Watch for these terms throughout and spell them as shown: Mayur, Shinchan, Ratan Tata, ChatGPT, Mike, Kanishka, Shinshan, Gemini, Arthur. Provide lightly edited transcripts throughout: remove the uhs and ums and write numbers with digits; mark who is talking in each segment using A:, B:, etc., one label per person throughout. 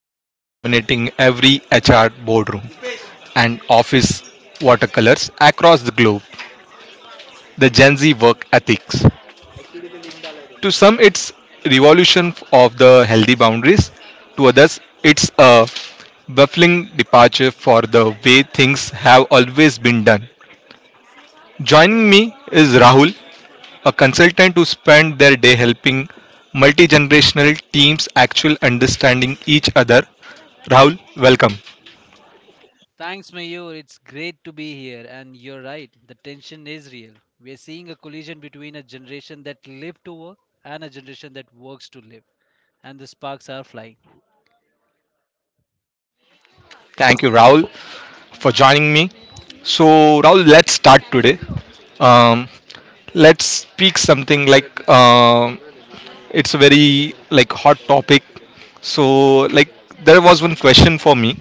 A: currently dominating every HR boardroom and office watercolors across the globe, the Gen Z work ethics. To some, it's revolution of the healthy boundaries, to others, it's a baffling departure for the way things have always been done. Joining me is Rahul, a consultant who spent their day helping multi-generational teams actually understanding each other. Rahul, welcome.
B: Thanks, Mayur. It's great to be here. And you're right, the tension is real. We're seeing a collision between a generation that lived to work and a generation that works to live. And the sparks are flying.
A: Thank you, Rahul, for joining me. So, Rahul, let's start today. Um, let's speak something like it's a very like hot topic. So, like, there was one question for me,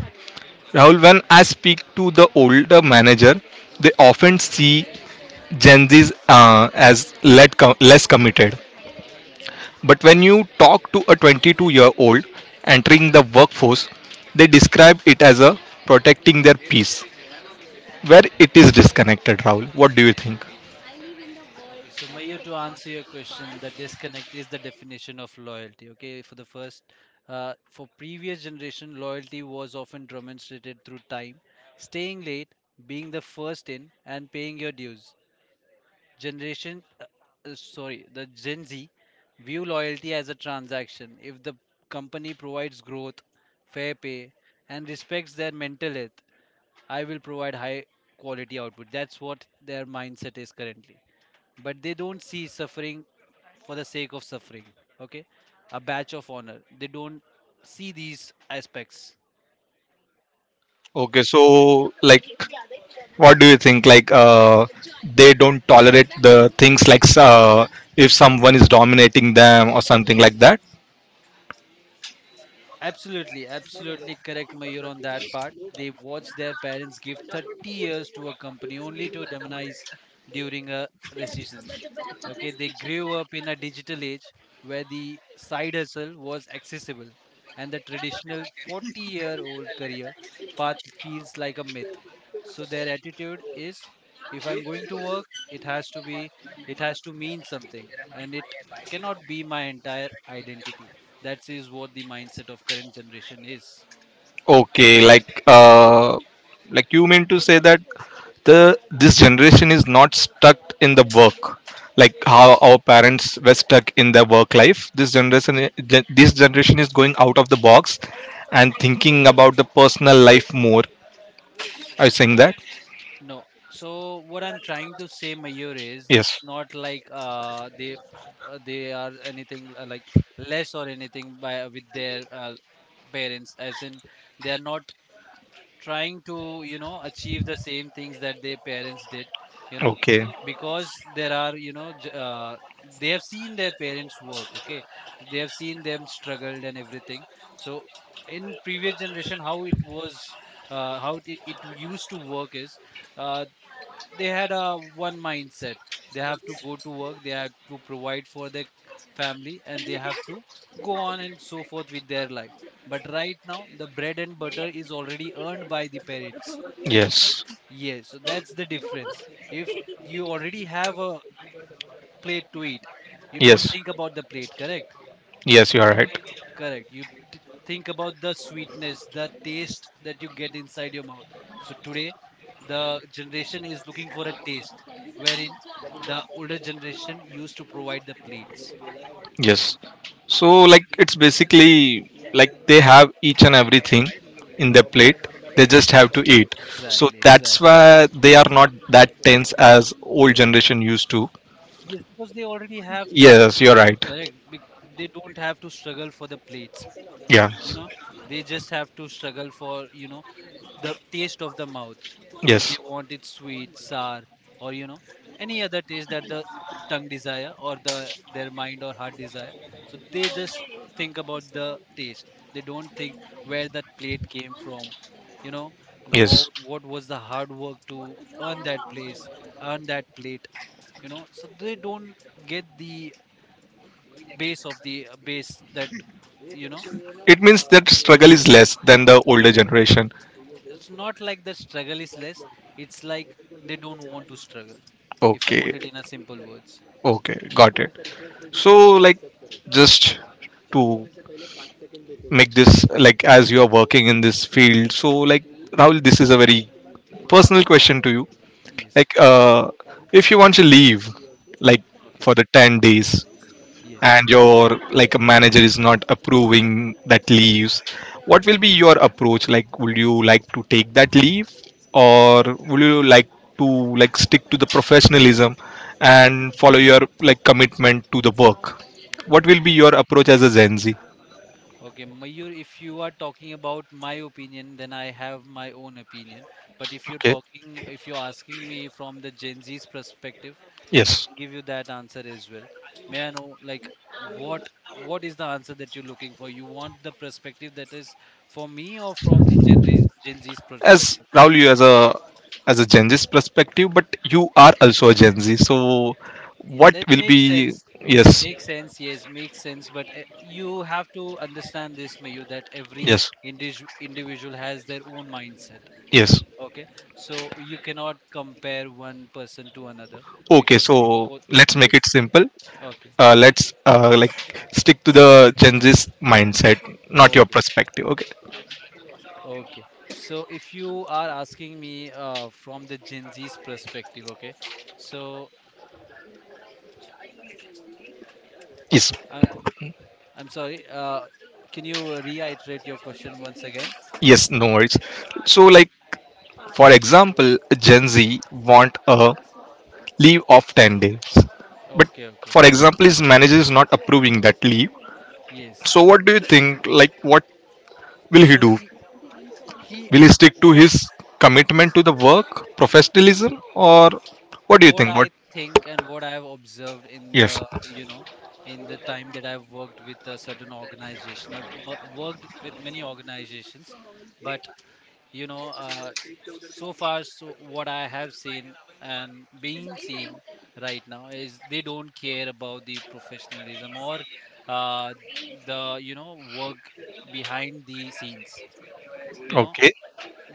A: Rahul. When I speak to the older manager, they often see Gen Zs as less committed. But when you talk to a 22-year-old entering the workforce, they describe it as a protecting their peace. Where it is disconnected, Rahul. What do you think?
B: Okay, so Mayur, to answer your question, the disconnect is the definition of loyalty. Okay, for the first, for previous generation, loyalty was often demonstrated through time, staying late, being the first in, and paying your dues. Generation sorry the gen z view loyalty as a transaction. If the company provides growth, fair pay, and respects their mental health, I will provide high quality output. That's what their mindset is currently. But they don't see suffering for the sake of suffering, okay, a badge of honor. They don't see these aspects.
A: Okay, so like, what do you think? Like, they don't tolerate the things like if someone is dominating them or something like that.
B: Absolutely, absolutely correct, Mayur, on that part. They watched their parents give 30 years to a company only to demonize during a recession. Okay, they grew up in a digital age where the side hustle was accessible, and the traditional 40-year-old year old career path feels like a myth. So their attitude is, if I'm going to work, it has to mean something and it cannot be my entire identity. That is what the mindset of current generation is.
A: Okay, like you mean to say that the this generation is not stuck in the work, like how our parents were stuck in their work life. This generation is going out of the box and thinking about the personal life more. Are you saying that?
B: No, so what I'm trying to say, Mayor, is it's
A: Yes.
B: not like they are anything like less or anything by with their parents, as in they are not trying to, you know, achieve the same things that their parents did, you know,
A: Okay.
B: because there are, you know, they have seen their parents work. Okay, they have seen them struggled and everything. So in previous generation how it was, how it used to work is, uh, they had a one mindset. They have to go to work, they have to provide for their family, and they have to go on and so forth with their life. But right now the bread and butter is already earned by the parents. Okay,
A: Yes.
B: yes, so that's the difference. If you already have a plate to eat, you don't
A: Yes.
B: think about the plate, correct?
A: Yes, you are right.
B: Correct. T- think about the sweetness, the taste that you get inside your mouth. So today, the generation is looking for a taste, wherein the older generation used to provide the plates.
A: Yes. So like it's basically like they have each and everything in their plate. They just have to eat. So
B: Exactly,
A: that's
B: exactly.
A: why they are not that tense as old generation used to.
B: Yes, because they already have
A: Yes, you're right.
B: correct. They don't have to struggle for the plates.
A: Yeah.
B: You know, they just have to struggle for, you know, the taste of the mouth. If they
A: Yes.
B: want it sweet, sour, or, you know, any other taste that the tongue desire or the their mind or heart desire, so they just think about the taste. They don't think where that plate came from, you know,
A: Yes.
B: what was the hard work to earn that place, earn that plate, you know. So they don't get the base of the base that, you know.
A: It means that struggle is less than the older generation.
B: It's not like the struggle is less, it's like they don't want to struggle, if I
A: Okay.
B: put it in a simple words.
A: Okay. Got it. So, like, just to make this, like, as you are working in this field, so like, Rahul, this is a very personal question to you.
B: Yes.
A: Like, if you want to leave, like,
B: Okay.
A: for the 10 days,
B: Yes.
A: and your, like, a manager is not approving that
B: Yes.
A: leaves, what will
B: Yes.
A: be your approach? Like, would you like to take that leave, or would you like to, like, stick to the professionalism and follow your, like, commitment to the work? What will be
B: Okay.
A: your approach as a Gen Z?
B: Okay Mayur, if you are talking about my opinion, then I have my own opinion. But if you're
A: Okay.
B: talking, if you're asking me from the Gen Z's perspective, I
A: Yes.
B: can give you that answer as well. May I know like what what is the answer that you're looking for? You want the perspective that is for me or from the Gen Z's
A: As
B: perspective?
A: Rahul, you, as a Gen Z's perspective, but you are also a Gen Z. So,
B: Yeah,
A: what
B: that
A: will
B: makes
A: be?
B: sense.
A: Yes,
B: Makes sense. Yes, makes sense. But you have to understand this, Mayur, that every
A: yes,
B: individual has their own mindset.
A: yes.
B: Okay, so you cannot compare one person to another
A: Okay,
B: because
A: so
B: both.
A: let's make
B: Yes.
A: it simple.
B: Okay.
A: Let's like stick to the Gen Z's mindset, not your
B: Okay.
A: perspective. Okay.
B: Okay, so if you are asking me from the Gen Z's perspective, okay, so
A: Yes,
B: uh, I'm sorry, can you reiterate your question once again?
A: yes, no worries. So, like, for example, Gen Z want
B: Hmm.
A: a leave of 10 days, but
B: Okay. Okay.
A: for example, his manager is not approving that leave.
B: Yes.
A: So, what do you think? Like, what will he
B: So
A: do?
B: he
A: Will he stick to
B: what?
A: his commitment
B: Yes,
A: to the work, professionalism, or what do you
B: what
A: think? What?
B: I think and what I've observed in
A: Yes.
B: the, you know, in the time that I've worked with a certain organization, I've worked with many organizations. But, you know, so far, so what I have seen and been seeing right now is they don't care about the professionalism or, uh, the, you know, work behind the scenes, you know.
A: Okay.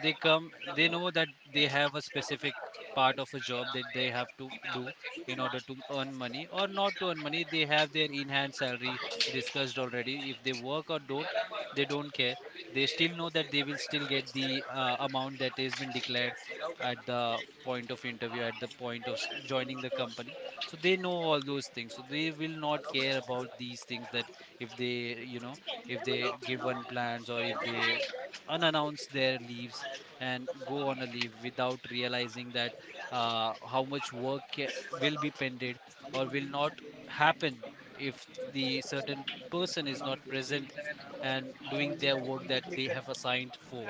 B: They come, they know that they have a specific part of a job that they have to do in order to earn money or not to earn money. They have their in hand salary discussed already. If they work or don't, they don't care. They still know that they will still get the amount that has been declared at the point of interview, at the point of joining the company. So they know all those things, so they will not care about these things, that if they, you know, if they give one plans or if they unannounce their leaves and go on a leave without realizing that how much work will be pended or will not happen if the certain person is not present and doing their work that they have assigned for.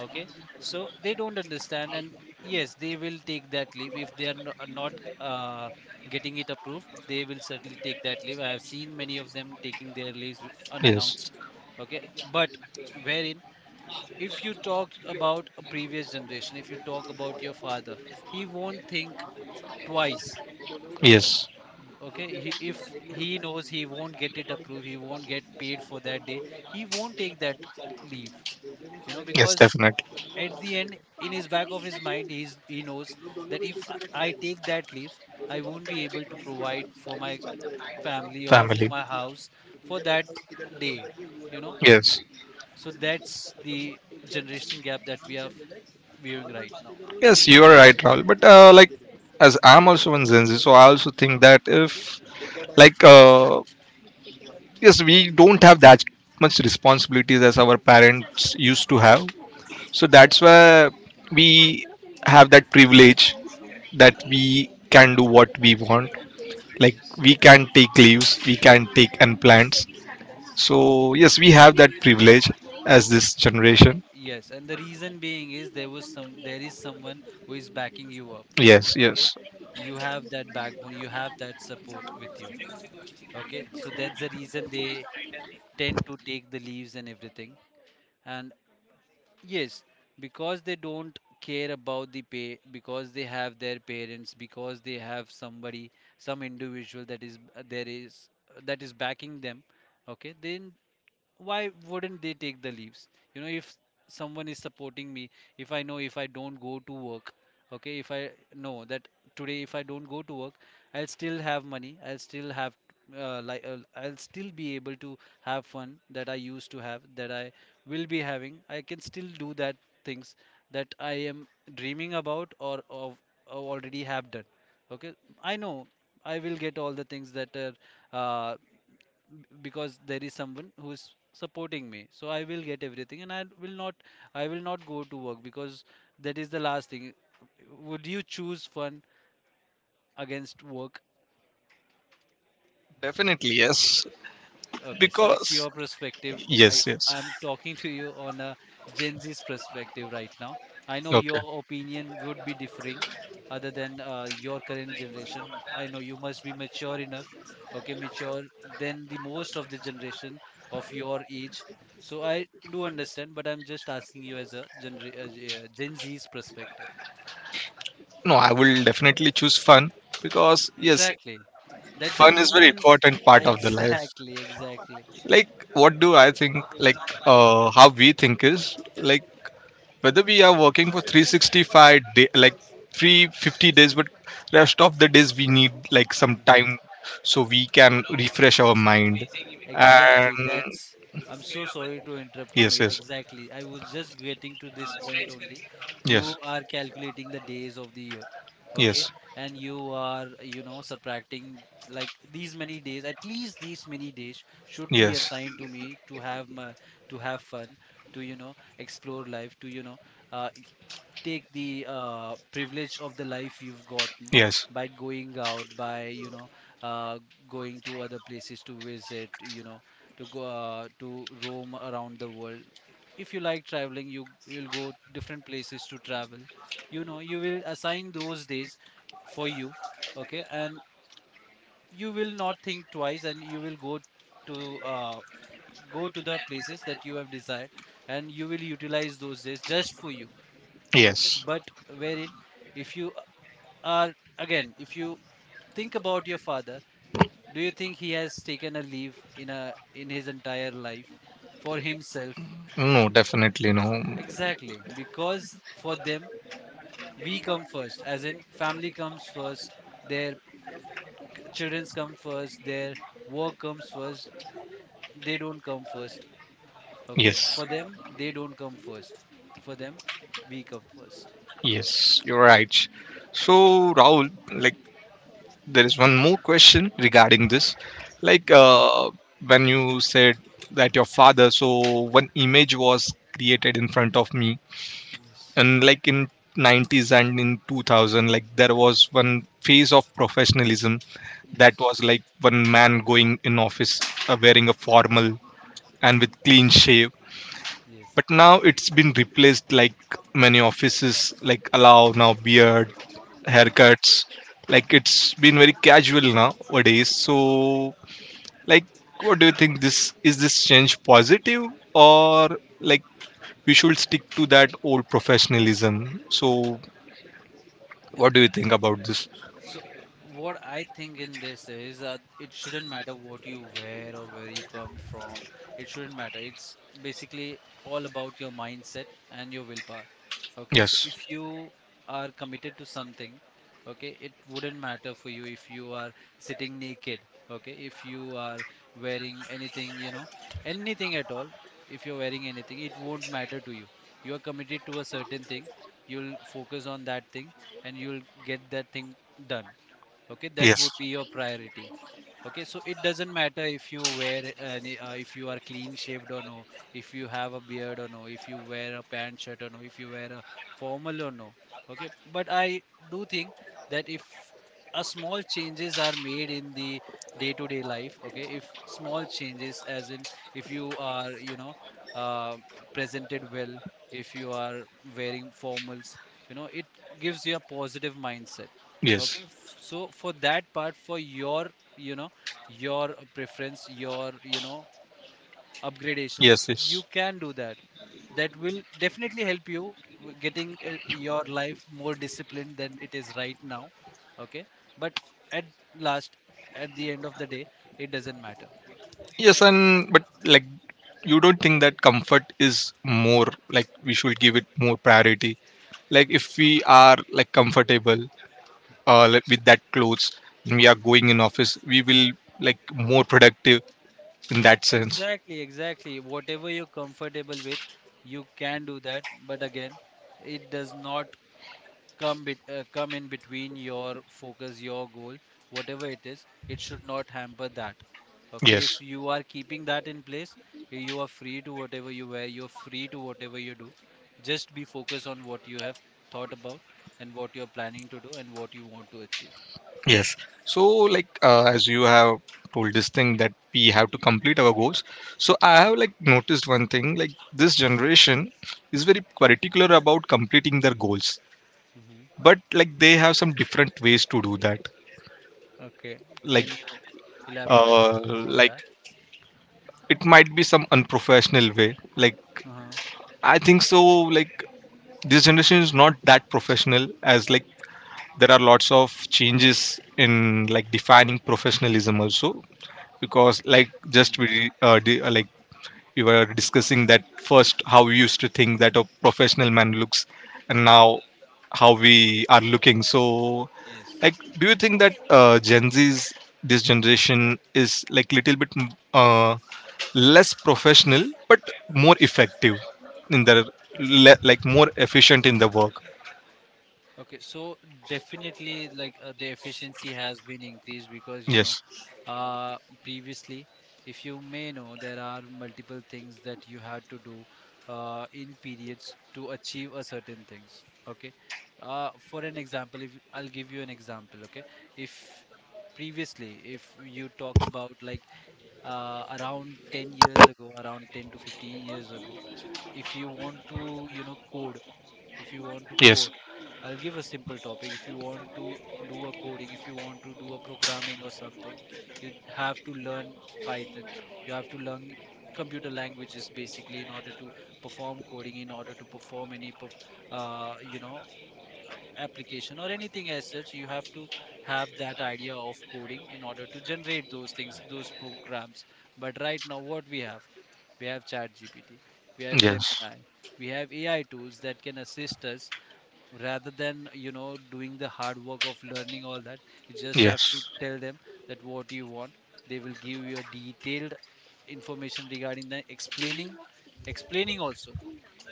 B: Okay, so they don't understand. And yes, they will take that leave. If they are are not uh, getting it approved, they will certainly take that leave. I have seen many of them taking their leaves unannounced.
A: Yes.
B: Okay, but wherein, if you talk about a previous generation, if you talk about your father, he won't think twice.
A: Yes.
B: Okay, if he knows he won't get it approved, he won't get paid for that day, he won't take that leave, you know,
A: Yes,
B: because
A: definitely.
B: at the end, in his back of his mind, he knows that if I take that leave, I won't be able to provide for my family or for
A: Family.
B: my house for that day, you know.
A: Yes.
B: So that's the generation gap that we are viewing right now.
A: Yes, you are right, Raul. But like, as I'm also in Gen Z, so I also think that if, like, yes, we don't have that much responsibilities as our parents used to have. So that's why we have that privilege that we can do what we want. Like,
B: Yes,
A: we can take leaves, we can take and plants.
B: yes.
A: So yes, we have that privilege as this generation.
B: Yes, and the reason being is there was some, there is someone who is backing you up.
A: Yes.
B: Okay,
A: Yes.
B: you have that backbone, you have that support with you. Okay, so that's the reason they tend to take the leaves and everything. And yes, because they don't care about the pay, because they have their parents, because they have somebody, some individual that is there, is that is backing them. Okay, then why wouldn't they take the leaves, you know, if someone is supporting me, if I know if I don't go to work, okay, if I know that today if I don't go to work, I'll still have money, I'll still have, I'll still be able to have fun that I used to have, that I will be having. I can still do that things that I am dreaming about or of, or already have done. Okay, I know I will get all the things that are, uh, because there is someone who is supporting me, so I will get everything. And I will not, I will not go to work because that is the last thing. Would you choose fun against work?
A: Definitely. Yes.
B: Okay, so it's
A: Because,
B: your perspective. I,
A: yes. Yes.
B: I'm talking to you on a Gen Z's perspective right now. I know
A: Okay.
B: your opinion would be differing other than your current generation. I know you must be mature enough, okay, mature than the most of the generation of your age. So I do understand, but I'm just asking you as a Gen Z's perspective.
A: No, I will definitely choose fun, because, yes,
B: Exactly. That's a
A: fun is very
B: human.
A: important part of the life.
B: Exactly, exactly.
A: Like, what do I think? Like, how we think is, like, whether we are working for 365 day, like 350 days, but rest of the days we need like some time so we can refresh our mind.
B: Exactly.
A: And
B: That's. I'm so sorry to interrupt you,
A: yes.
B: Mayor.
A: Yes.
B: Exactly. I was just getting to this point only. You
A: Yes.
B: are calculating the days of the year, okay?
A: Yes.
B: And you are, you know, subtracting like these many days. At least these many days should be
A: Yes.
B: assigned to me to have my to have fun, to, you know, explore life, to, you know, uh, take the privilege of the life you've gotten
A: Yes.
B: by going out, by, you know, uh, going to other places to visit, you know, to go, to roam around the world. If you like traveling, you'll go different places to travel, you know. You will assign those days for you, okay? And you will not think twice, and you will go to, go to the places that you have desired, and you will utilize those days just for you, okay?
A: Yes.
B: But wherein, if you are again if you think about your father, do you think he has taken a leave in his entire life for himself?
A: No, definitely no.
B: Exactly, because for them, we come first, as in family comes first. Their children's come first, their work comes first. They don't come first. Okay,
A: Yes.
B: for them, they don't come first. For them, we come first.
A: Yes, you're right. So, Rahul, like, there is one more question regarding this. Like, when you said that your father, so one image was created in front of me.
B: Yes,
A: And, like, in 90s and in 2000, like there was one phase of professionalism, that
B: yes.
A: was like one man going in office, wearing a formal and with
B: Hmm,
A: clean shave.
B: yes,
A: But now it's been replaced, like many offices like allow now beard
B: yes.
A: haircuts. Like, it's been very casual nowadays. So, like, what do you think? This is this change positive, or, like, we should stick to that old professionalism? So, what do
B: Okay.
A: you think about this?
B: So, what I think in this is, it shouldn't matter what you wear or where you come from. It shouldn't matter. It's basically all about your mindset and your willpower. Okay, so
A: Yes.
B: if you are committed to something, okay, it wouldn't matter for you if you are sitting naked. Okay, if you are wearing anything, you know, anything at all, if you're wearing anything, it won't matter to you. You are committed to a certain thing, you'll focus on that thing, and you'll get that thing done. Okay, that
A: Yes.
B: would be your priority. Okay, so it doesn't matter if you wear any, if you are clean shaved or no, if you have a beard or no, if you wear a pant shirt or no, if you wear a formal or no. Okay, but I do think that if a small changes are made in the day to day life, okay, if small changes as in, if you are, you know, uh, presented well, if you are wearing formals, you know, it gives you a positive mindset. Okay,
A: Yes.
B: so for that part, for your, you know, your preference, your, you know, upgradation,
A: Yes.
B: you
A: Yes.
B: can do that. That will definitely help you getting, your life more disciplined than it is right now. Okay, but at last, at the end of the day, it doesn't matter.
A: Yes. And but, like, you don't think that comfort is more, like, we should give it more priority? Like, if we are like comfortable like, with that clothes, and we are going in office, we will like more productive in that sense.
B: Exactly, exactly, whatever you're comfortable with, you can do that. But again, it does not come in between your focus, your goal, whatever it is. It should not hamper that. Okay, if
A: Yes.
B: you are keeping that in place, you are free to whatever you wear, you're free to whatever you do. Just be focused on what you have thought about, and what you're planning to do, and what you want to achieve.
A: Yes. So, like, as you have told this thing that we have to complete our goals. So, I have like noticed one thing, like, this generation is very particular about completing their goals,
B: Hmm.
A: but, like, they have some different ways to do that.
B: Okay,
A: Like,
B: can you elaborate a bit more on
A: like,
B: that?
A: it might be some unprofessional way. Like,
B: Uh-huh.
A: I think so. Like, this generation is not that professional, as like there are lots of changes in like defining professionalism also, because, like,
B: Hmm.
A: just like we were discussing that first how we used to think that a professional man looks, and now how we are looking. So,
B: Yes.
A: like, do you think that Gen Z's, this generation is like little bit less professional but more effective in their like more efficient in the work?
B: Okay, so definitely, like, the efficiency has been increased, because, you know,
A: Yes.
B: uh, previously, if you may know, there are multiple things that you had to do in periods to achieve a certain things. Okay, for an example, if I'll give you an example. Okay, if previously, if you talk about like, around 10 years ago, around 10 to 15 years ago, if you want to, you know, code if you want to
A: Yes.
B: code. I'll give a simple topic. If you want to do a coding, if you want to do a programming or something, you have to learn Python, you have to learn computer languages basically, in order to perform coding, in order to perform any you know, application or anything as such. You have to have that idea of coding in order to generate those things, those programs. But right now, what we have, we have ChatGPT, we have
A: Yes.
B: Gemini, we have AI tools that can assist us, rather than, you know, doing the hard work of learning all that. You just have to
A: Yes.
B: tell them that what you want. They will give you a detailed information regarding the explaining also.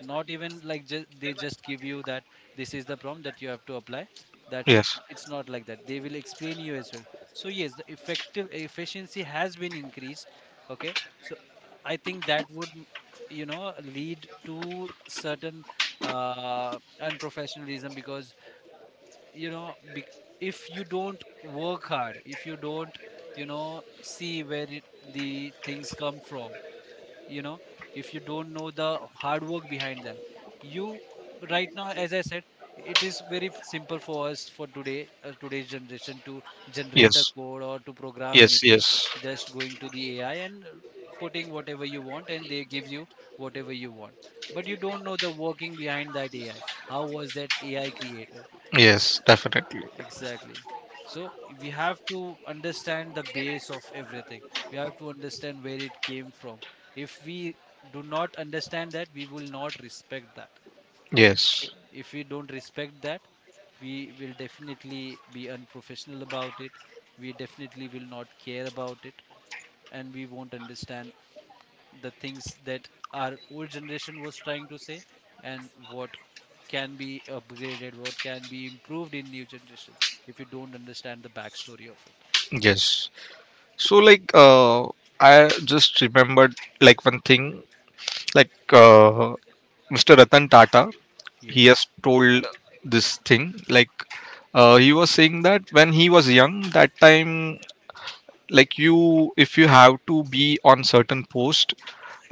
B: Not even like just they just give you that this is the prompt that you have to apply, that's it.
A: Yes.
B: It's not like that, they will explain you as well. So yes, the effective efficiency has been increased. Okay, so, I think that would you know, lead to certain unprofessionalism, because, you know, bec if you don't work hard, if you don't, you know, see where it, the things come from, you know, if you don't know the hard work behind that, you, right now, as I said, it is very simple for us, for today, today's generation, to generate a
A: Yes.
B: code or to program
A: Yes.
B: anything,
A: Yes.
B: just going to the AI and, putting whatever you want, and they give you whatever you want. But you don't know the working behind that AI, how was that AI created.
A: Yes. Definitely.
B: Exactly. So we have to understand the base of everything. We have to understand where it came from. If we do not understand that, we will not respect that.
A: Yes.
B: Okay? If we don't respect that, we will definitely be unprofessional about it. We definitely will not care about it, and we won't understand the things that our old generation was trying to say, and what can be upgraded, what can be improved in new generation, if you don't understand the backstory of it.
A: Yes. So, like, I just remembered like one thing. Like, Mr. Ratan Tata, he
B: Yes.
A: has told this thing. Like, he was saying that when he was young, that time, like, you, if you have to be on certain post,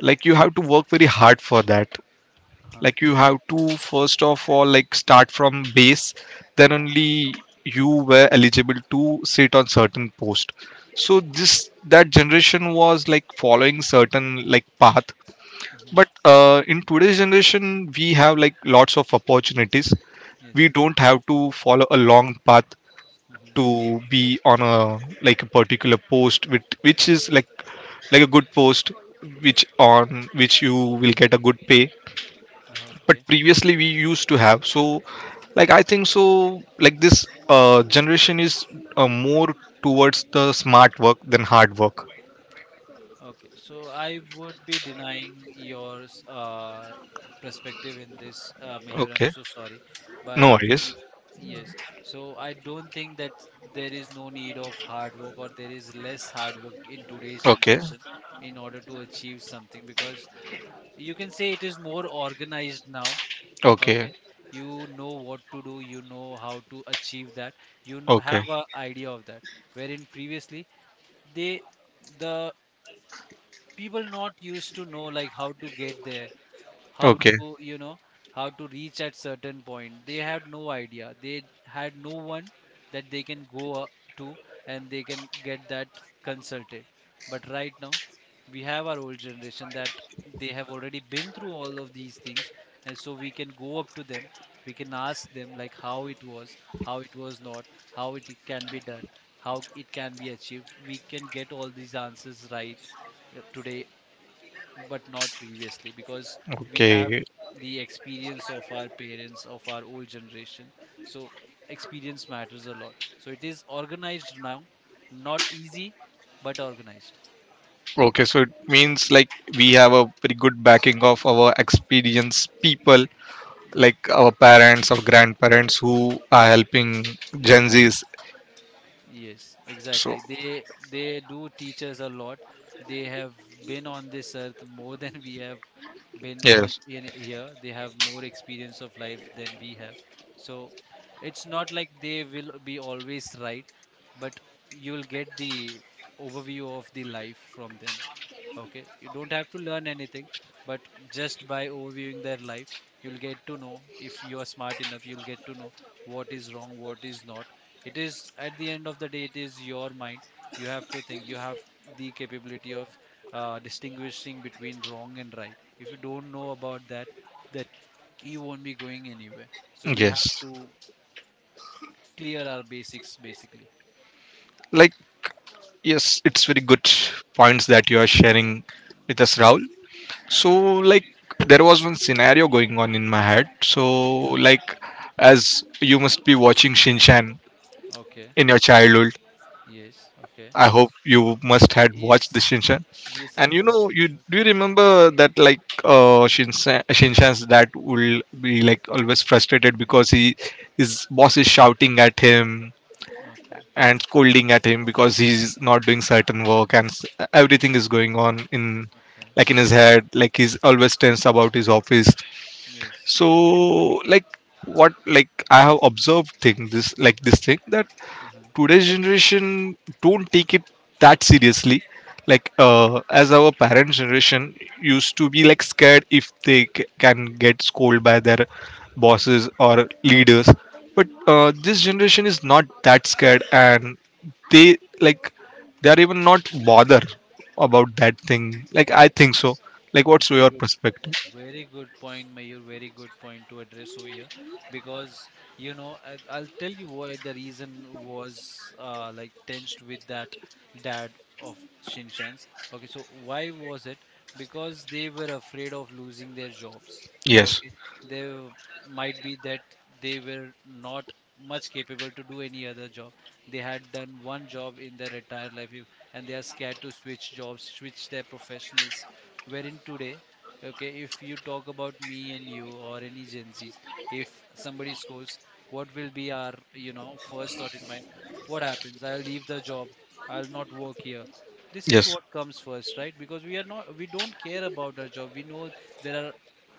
A: like, you have to work very hard for that.
B: Uh-huh.
A: Like, you have to first of all, like, start from base, then only you were eligible to sit on certain post. So this that generation was like following certain, like, path.
B: Hmm.
A: But in today's generation we have like lots of opportunities.
B: Yes.
A: We don't have to follow a long path
B: Hmm.
A: to be on a, like, a particular post, which is like, a good post, which, on which you will get a good pay. But
B: Okay.
A: previously we used to have. So, like, I think so. Like, this generation is, more towards the smart work than hard work.
B: Okay, so I would be denying your perspective in this, Mayur. I'm
A: Okay,
B: so sorry, but
A: no
B: y-
A: worries.
B: yes, so I don't think that there is no need of hard work, or there is less hard work in today's
A: Okay.
B: generation, in order to achieve something. Because you can say it is more organized now.
A: Okay.
B: Okay, you know what to do, you know how to achieve that, you
A: Okay.
B: have a idea of that. Wherein previously, they the people not used to know like how to get there, how
A: Okay.
B: to, you know, how to reach at certain point. They had no idea, they had no one that they can go, to, and they can get that consulted. But right now, we have our old generation, that they have already been through all of these things, and so we can go up to them, we can ask them like how it was, how it was not, how it can be done, how it can be achieved. We can get all these answers right, today. But not previously, because we have
A: Okay.
B: the experience of our parents, of our old generation. So experience matters a lot, so it is organized now. Not easy, but organized.
A: Okay. So it means, like, we have a pretty good backing of our experienced people, like our parents or grandparents, who are helping Gen Zs.
B: Yes,
A: So
B: exactly. They do teach us a lot. They have been on this earth more than we have been on
A: yes.
B: in here. They have more experience of life than we have. So it's not like they will be always right, but you'll get the overview of the life from them. Okay, you don't have to learn anything, but just by overviewing their life, you'll get to know if you are smart enough, you'll get to know what is wrong, what is not. It is, at the end of the day, it is your mind. You have to think, you have the capability of, distinguishing between wrong and right. If you don't know about that, that you won't be going anywhere. So we have
A: Yes.
B: to clear our basics basically.
A: Like, yes, it's very good points that you are sharing with us,
B: S-
A: Rahul. So, like, there was one scenario going on in my head. So, like, as you must be watching Shinchan
B: Okay,
A: in your childhood,
B: yes, okay.
A: I hope you must had watched the
B: Yes,
A: Shinchan.
B: yes,
A: And
B: I've
A: you
B: watched
A: know,
B: many
A: you
B: shows.
A: do you
B: Yes,
A: remember that like Shinchan's dad will be like always frustrated because he his boss is shouting at him
B: okay,
A: and scolding at him because he's not doing certain work, and everything is going on, in,
B: okay.
A: like, in his head, like he's always tense about his office.
B: Yes.
A: So, like, what, like, I have observed thing this, like this thing, that
B: Uh-huh.
A: today's generation don't take it that seriously, like as our parents generation used to be like scared if they can get scolded by their bosses or leaders. But this generation is not that scared, and they, like, they are even not bother about that thing. Like, I think so. Like, what's
B: Very
A: your
B: good
A: perspective?
B: point. Very good point, Mayur. Very good point to address over here, because, you know, I'll tell you why the reason was, like tensed with that dad of Shinshan's. Okay, so why was it? Because they were afraid of losing their jobs.
A: Yes.
B: Okay, they might be that they were not much capable to do any other job. They had done one job in their entire life, if, and they are scared to switch jobs, switch their professionals, wherein today. Okay, if you talk about me and you, or any Gen Zs, if somebody scores, what will be our, you know, first thought in mind? What happens? I'll leave the job. I'll not work here. This is
A: Yes.
B: what comes first, right? Because we are not, we don't care about our job. We know there are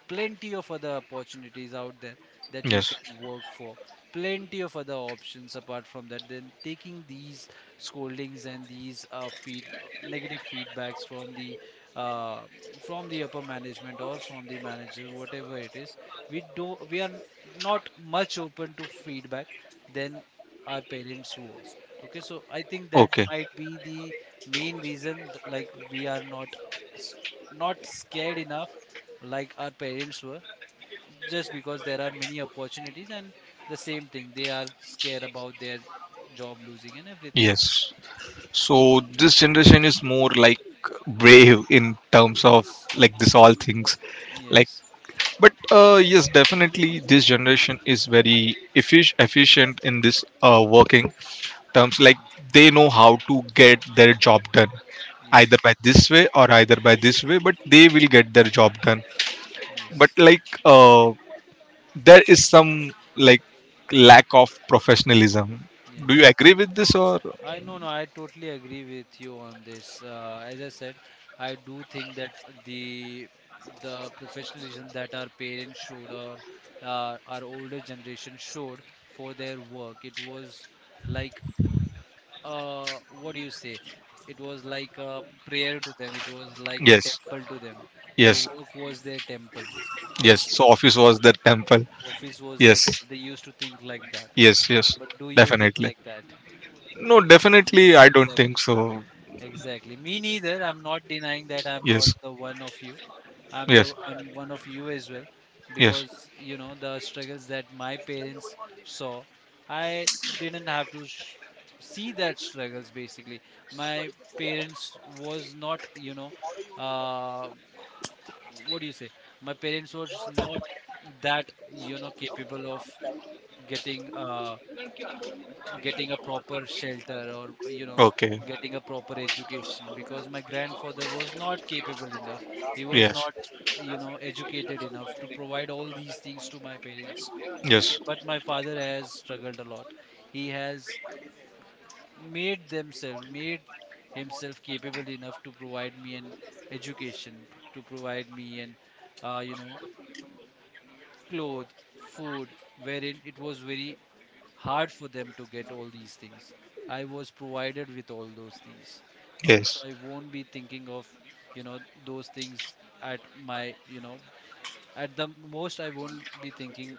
B: plenty of other opportunities out there that you
A: Yes.
B: can work for, plenty of other options apart from that, then taking these scoldings, and these, feed negative feedbacks from the, uh, from the upper management, or from the manager, whatever it is. We are not much open to feedback than our parents was. Okay, so I think that
A: Okay.
B: might be the main reason, like we are not s- not scared enough like our parents were, just because there are many opportunities, and the same thing, they are scared about their job losing and everything.
A: Yes. So this generation is more, like, brave in terms of, like, this all things, like.
B: Yes.
A: But yes, definitely this generation is very efficient in this working terms, like,
B: Mhm.
A: they know how to get their job done, either
B: Yes,
A: by this way or either by this way, but they will get their job done. But,
B: yes,
A: like, there is some, like, lack of professionalism. Do you
B: yes.
A: agree with this or...
B: I, no, no, I totally agree with you on this, as I said. I do think that the the professionalism that our parents showed, or, our older generation showed for their work, it was like, what do you say, it was like a prayer to them, it was like a
A: Yes,
B: temple to them. The
A: yes,
B: work was their temple.
A: yes.
B: Okay,
A: So office was the temple.
B: office was their
A: Yes,
B: temple, they used to think like that.
A: yes, yes.
B: But do you think
A: Definitely.
B: like that?
A: No, definitely. I don't think
B: Exactly,
A: so.
B: exactly, me neither. I'm not denying that, I'm not
A: Yes,
B: the one of you. I'm the,
A: yes,
B: I'm one of you as well,
A: yes.
B: because, you know, the struggles that my parents saw, I didn't have to see that struggles basically. My parents was not, you know, uh, what do you say? My parents was not that capable of getting uh, getting a proper shelter or
A: Okay.
B: getting a proper education because my grandfather was not capable enough. He was
A: Yes,
B: not educated enough to provide all these things to my parents. Okay,
A: yes,
B: but my father has struggled a lot. He has made himself capable enough to provide me an education, to provide me an uh, you know clothes, food, wherein it was very hard for them to get all these things. I was provided with all those things. Okay, so
A: yes,
B: I won't be thinking of you know those things at my you know at the most. I won't be thinking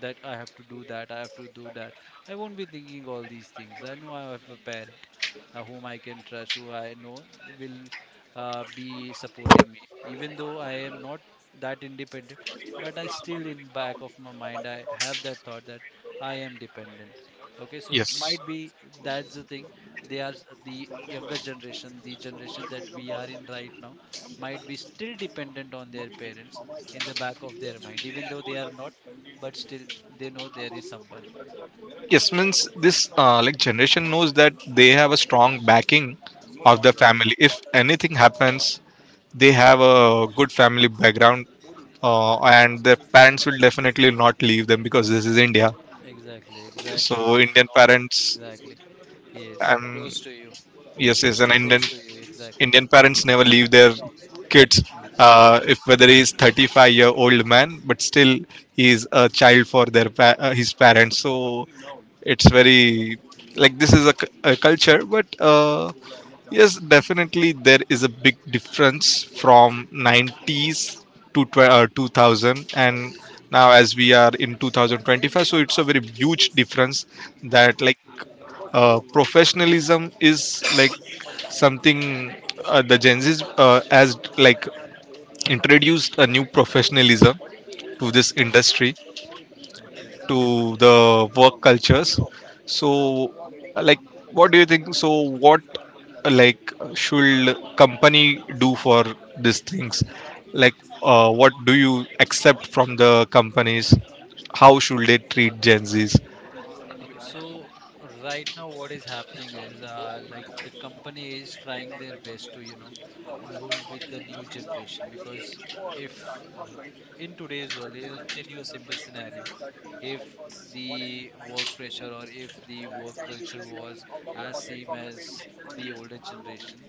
B: that I have to do that, I have to do that. I won't be thinking all these things. I know I have a parent, whom I can trust, who I know will be supporting me. Even though I am not that independent, but I still, in back of my mind, I have that thought that I am dependent. Okay, so
A: yes.
B: might be that's the thing. They are the younger generation, the generation that we are in right now, might be still dependent on their parents in the back of their mind, even though they are not, but still they know there is someone.
A: Yes, means this like generation knows that they have a strong backing of the
B: Exactly.
A: family. If anything happens, they have a good family background, and their parents will definitely not leave them, because this is India.
B: Exactly, exactly. It
A: So
B: is
A: Indian
B: not
A: parents.
B: exactly. Yes,
A: And
B: close to you.
A: yes, yes.
B: Choose
A: And
B: to close
A: Indian
B: to you. Exactly.
A: Indian parents never leave their kids.
B: Yes.
A: If whether he is 35-year-old man, but still he is a child for their
B: Agree.
A: his parents. So it's
B: Yes.
A: very, like, this is a, a culture, but yes,
B: Yes.
A: definitely there is a big difference from
B: Mm.
A: 90s to 2000, and
B: Yes.
A: now as we are in 2025, so it's a very huge difference,
B: Mm-hmm.
A: that, like, professionalism is, like, something, the Gen Z has like introduced a new professionalism to this
B: Mm-hmm.
A: industry,
B: Okay.
A: to the work cultures. So, like, what do you think? So, what, like, should company do for these things? Like, what do you accept from the companies? How should they treat Gen Zs?
B: Okay. So right now, what is happening is, like the company is trying their best to, mold with the new generation because if in today's world, I will tell you a simple scenario. If the work pressure or if the work culture was as same as the older generation,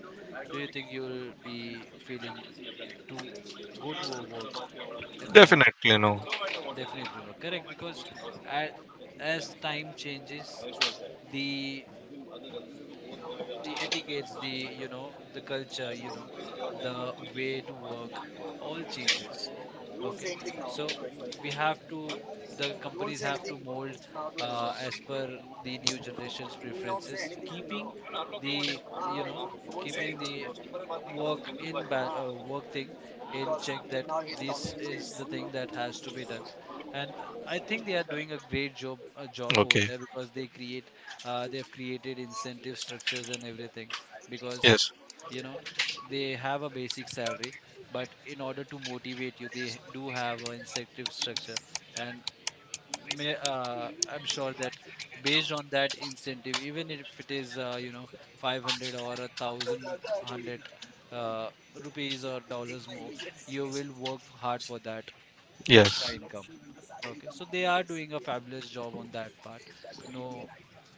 B: do you think you'll be feeling to go to a work in the morning?
A: Definitely no.
B: Definitely no. Correct, because as, as time changes, the etiquettes, the culture, the way to work, all changes. Okay, so we have to the companies have to mold, as per the new generation's preferences, keeping the you know keeping the work thing in check, that this is the thing that has to be done. And I think they are doing a great job, a job over
A: Okay.
B: there, because they create they've created incentive structures and everything. Because
A: Yes.
B: you know they have a basic salary, but in order to motivate you, they do have an incentive structure, and I'm sure that based on that incentive, even if it is 500 or a thousand hundred uh, rupees or dollars more, you will work hard for that extra
A: Yes.
B: income. Okay, so they are doing a fabulous job on that part. No.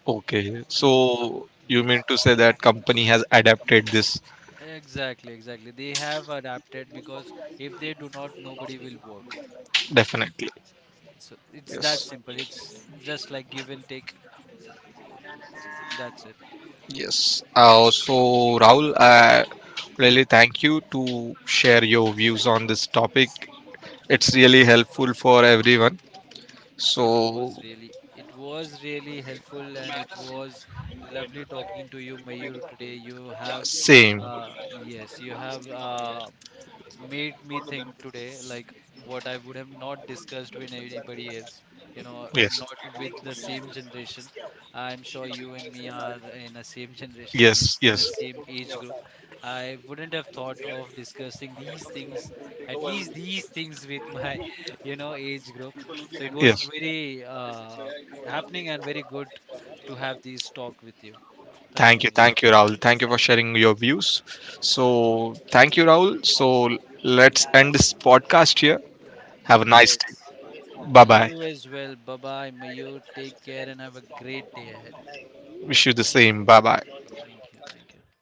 A: Okay,
B: No.
A: so you mean
B: Yes.
A: to say that company has adapted this,
B: Exactly, exactly. They have adapted because if they do not, nobody will work. Okay,
A: definitely?
B: so it's that
A: Yes,
B: simple. It's just like give and take. That's it.
A: yes. So, Rahul, I really thank you to share your views on this topic. It's
B: Yes.
A: really helpful for everyone.
B: It was
A: So
B: really, it was really helpful, and it was lovely talking to you, Mayur, today. You have,
A: same.
B: uh, yes, you have uh, made me think today, like what I would have not discussed with anybody else,
A: Yes,
B: not with the same generation. I'm sure you and me are in a same generation, and
A: yes,
B: in a
A: yes,
B: same age group. I wouldn't have thought of discussing these things, at least these things, with my, age group. So it was
A: yes.
B: very happening and very good to have this talk with you. Thank you, Mia.
A: Thank you, Rahul. Thank you for sharing your views. So thank you, Rahul. So let's end this podcast here. Have a nice
B: Yes.
A: day. Bye bye.
B: You as well. Bye bye, Mayur. Take care and have a great day ahead.
A: Wish you the same. Bye bye.
B: Thank you. Thank you.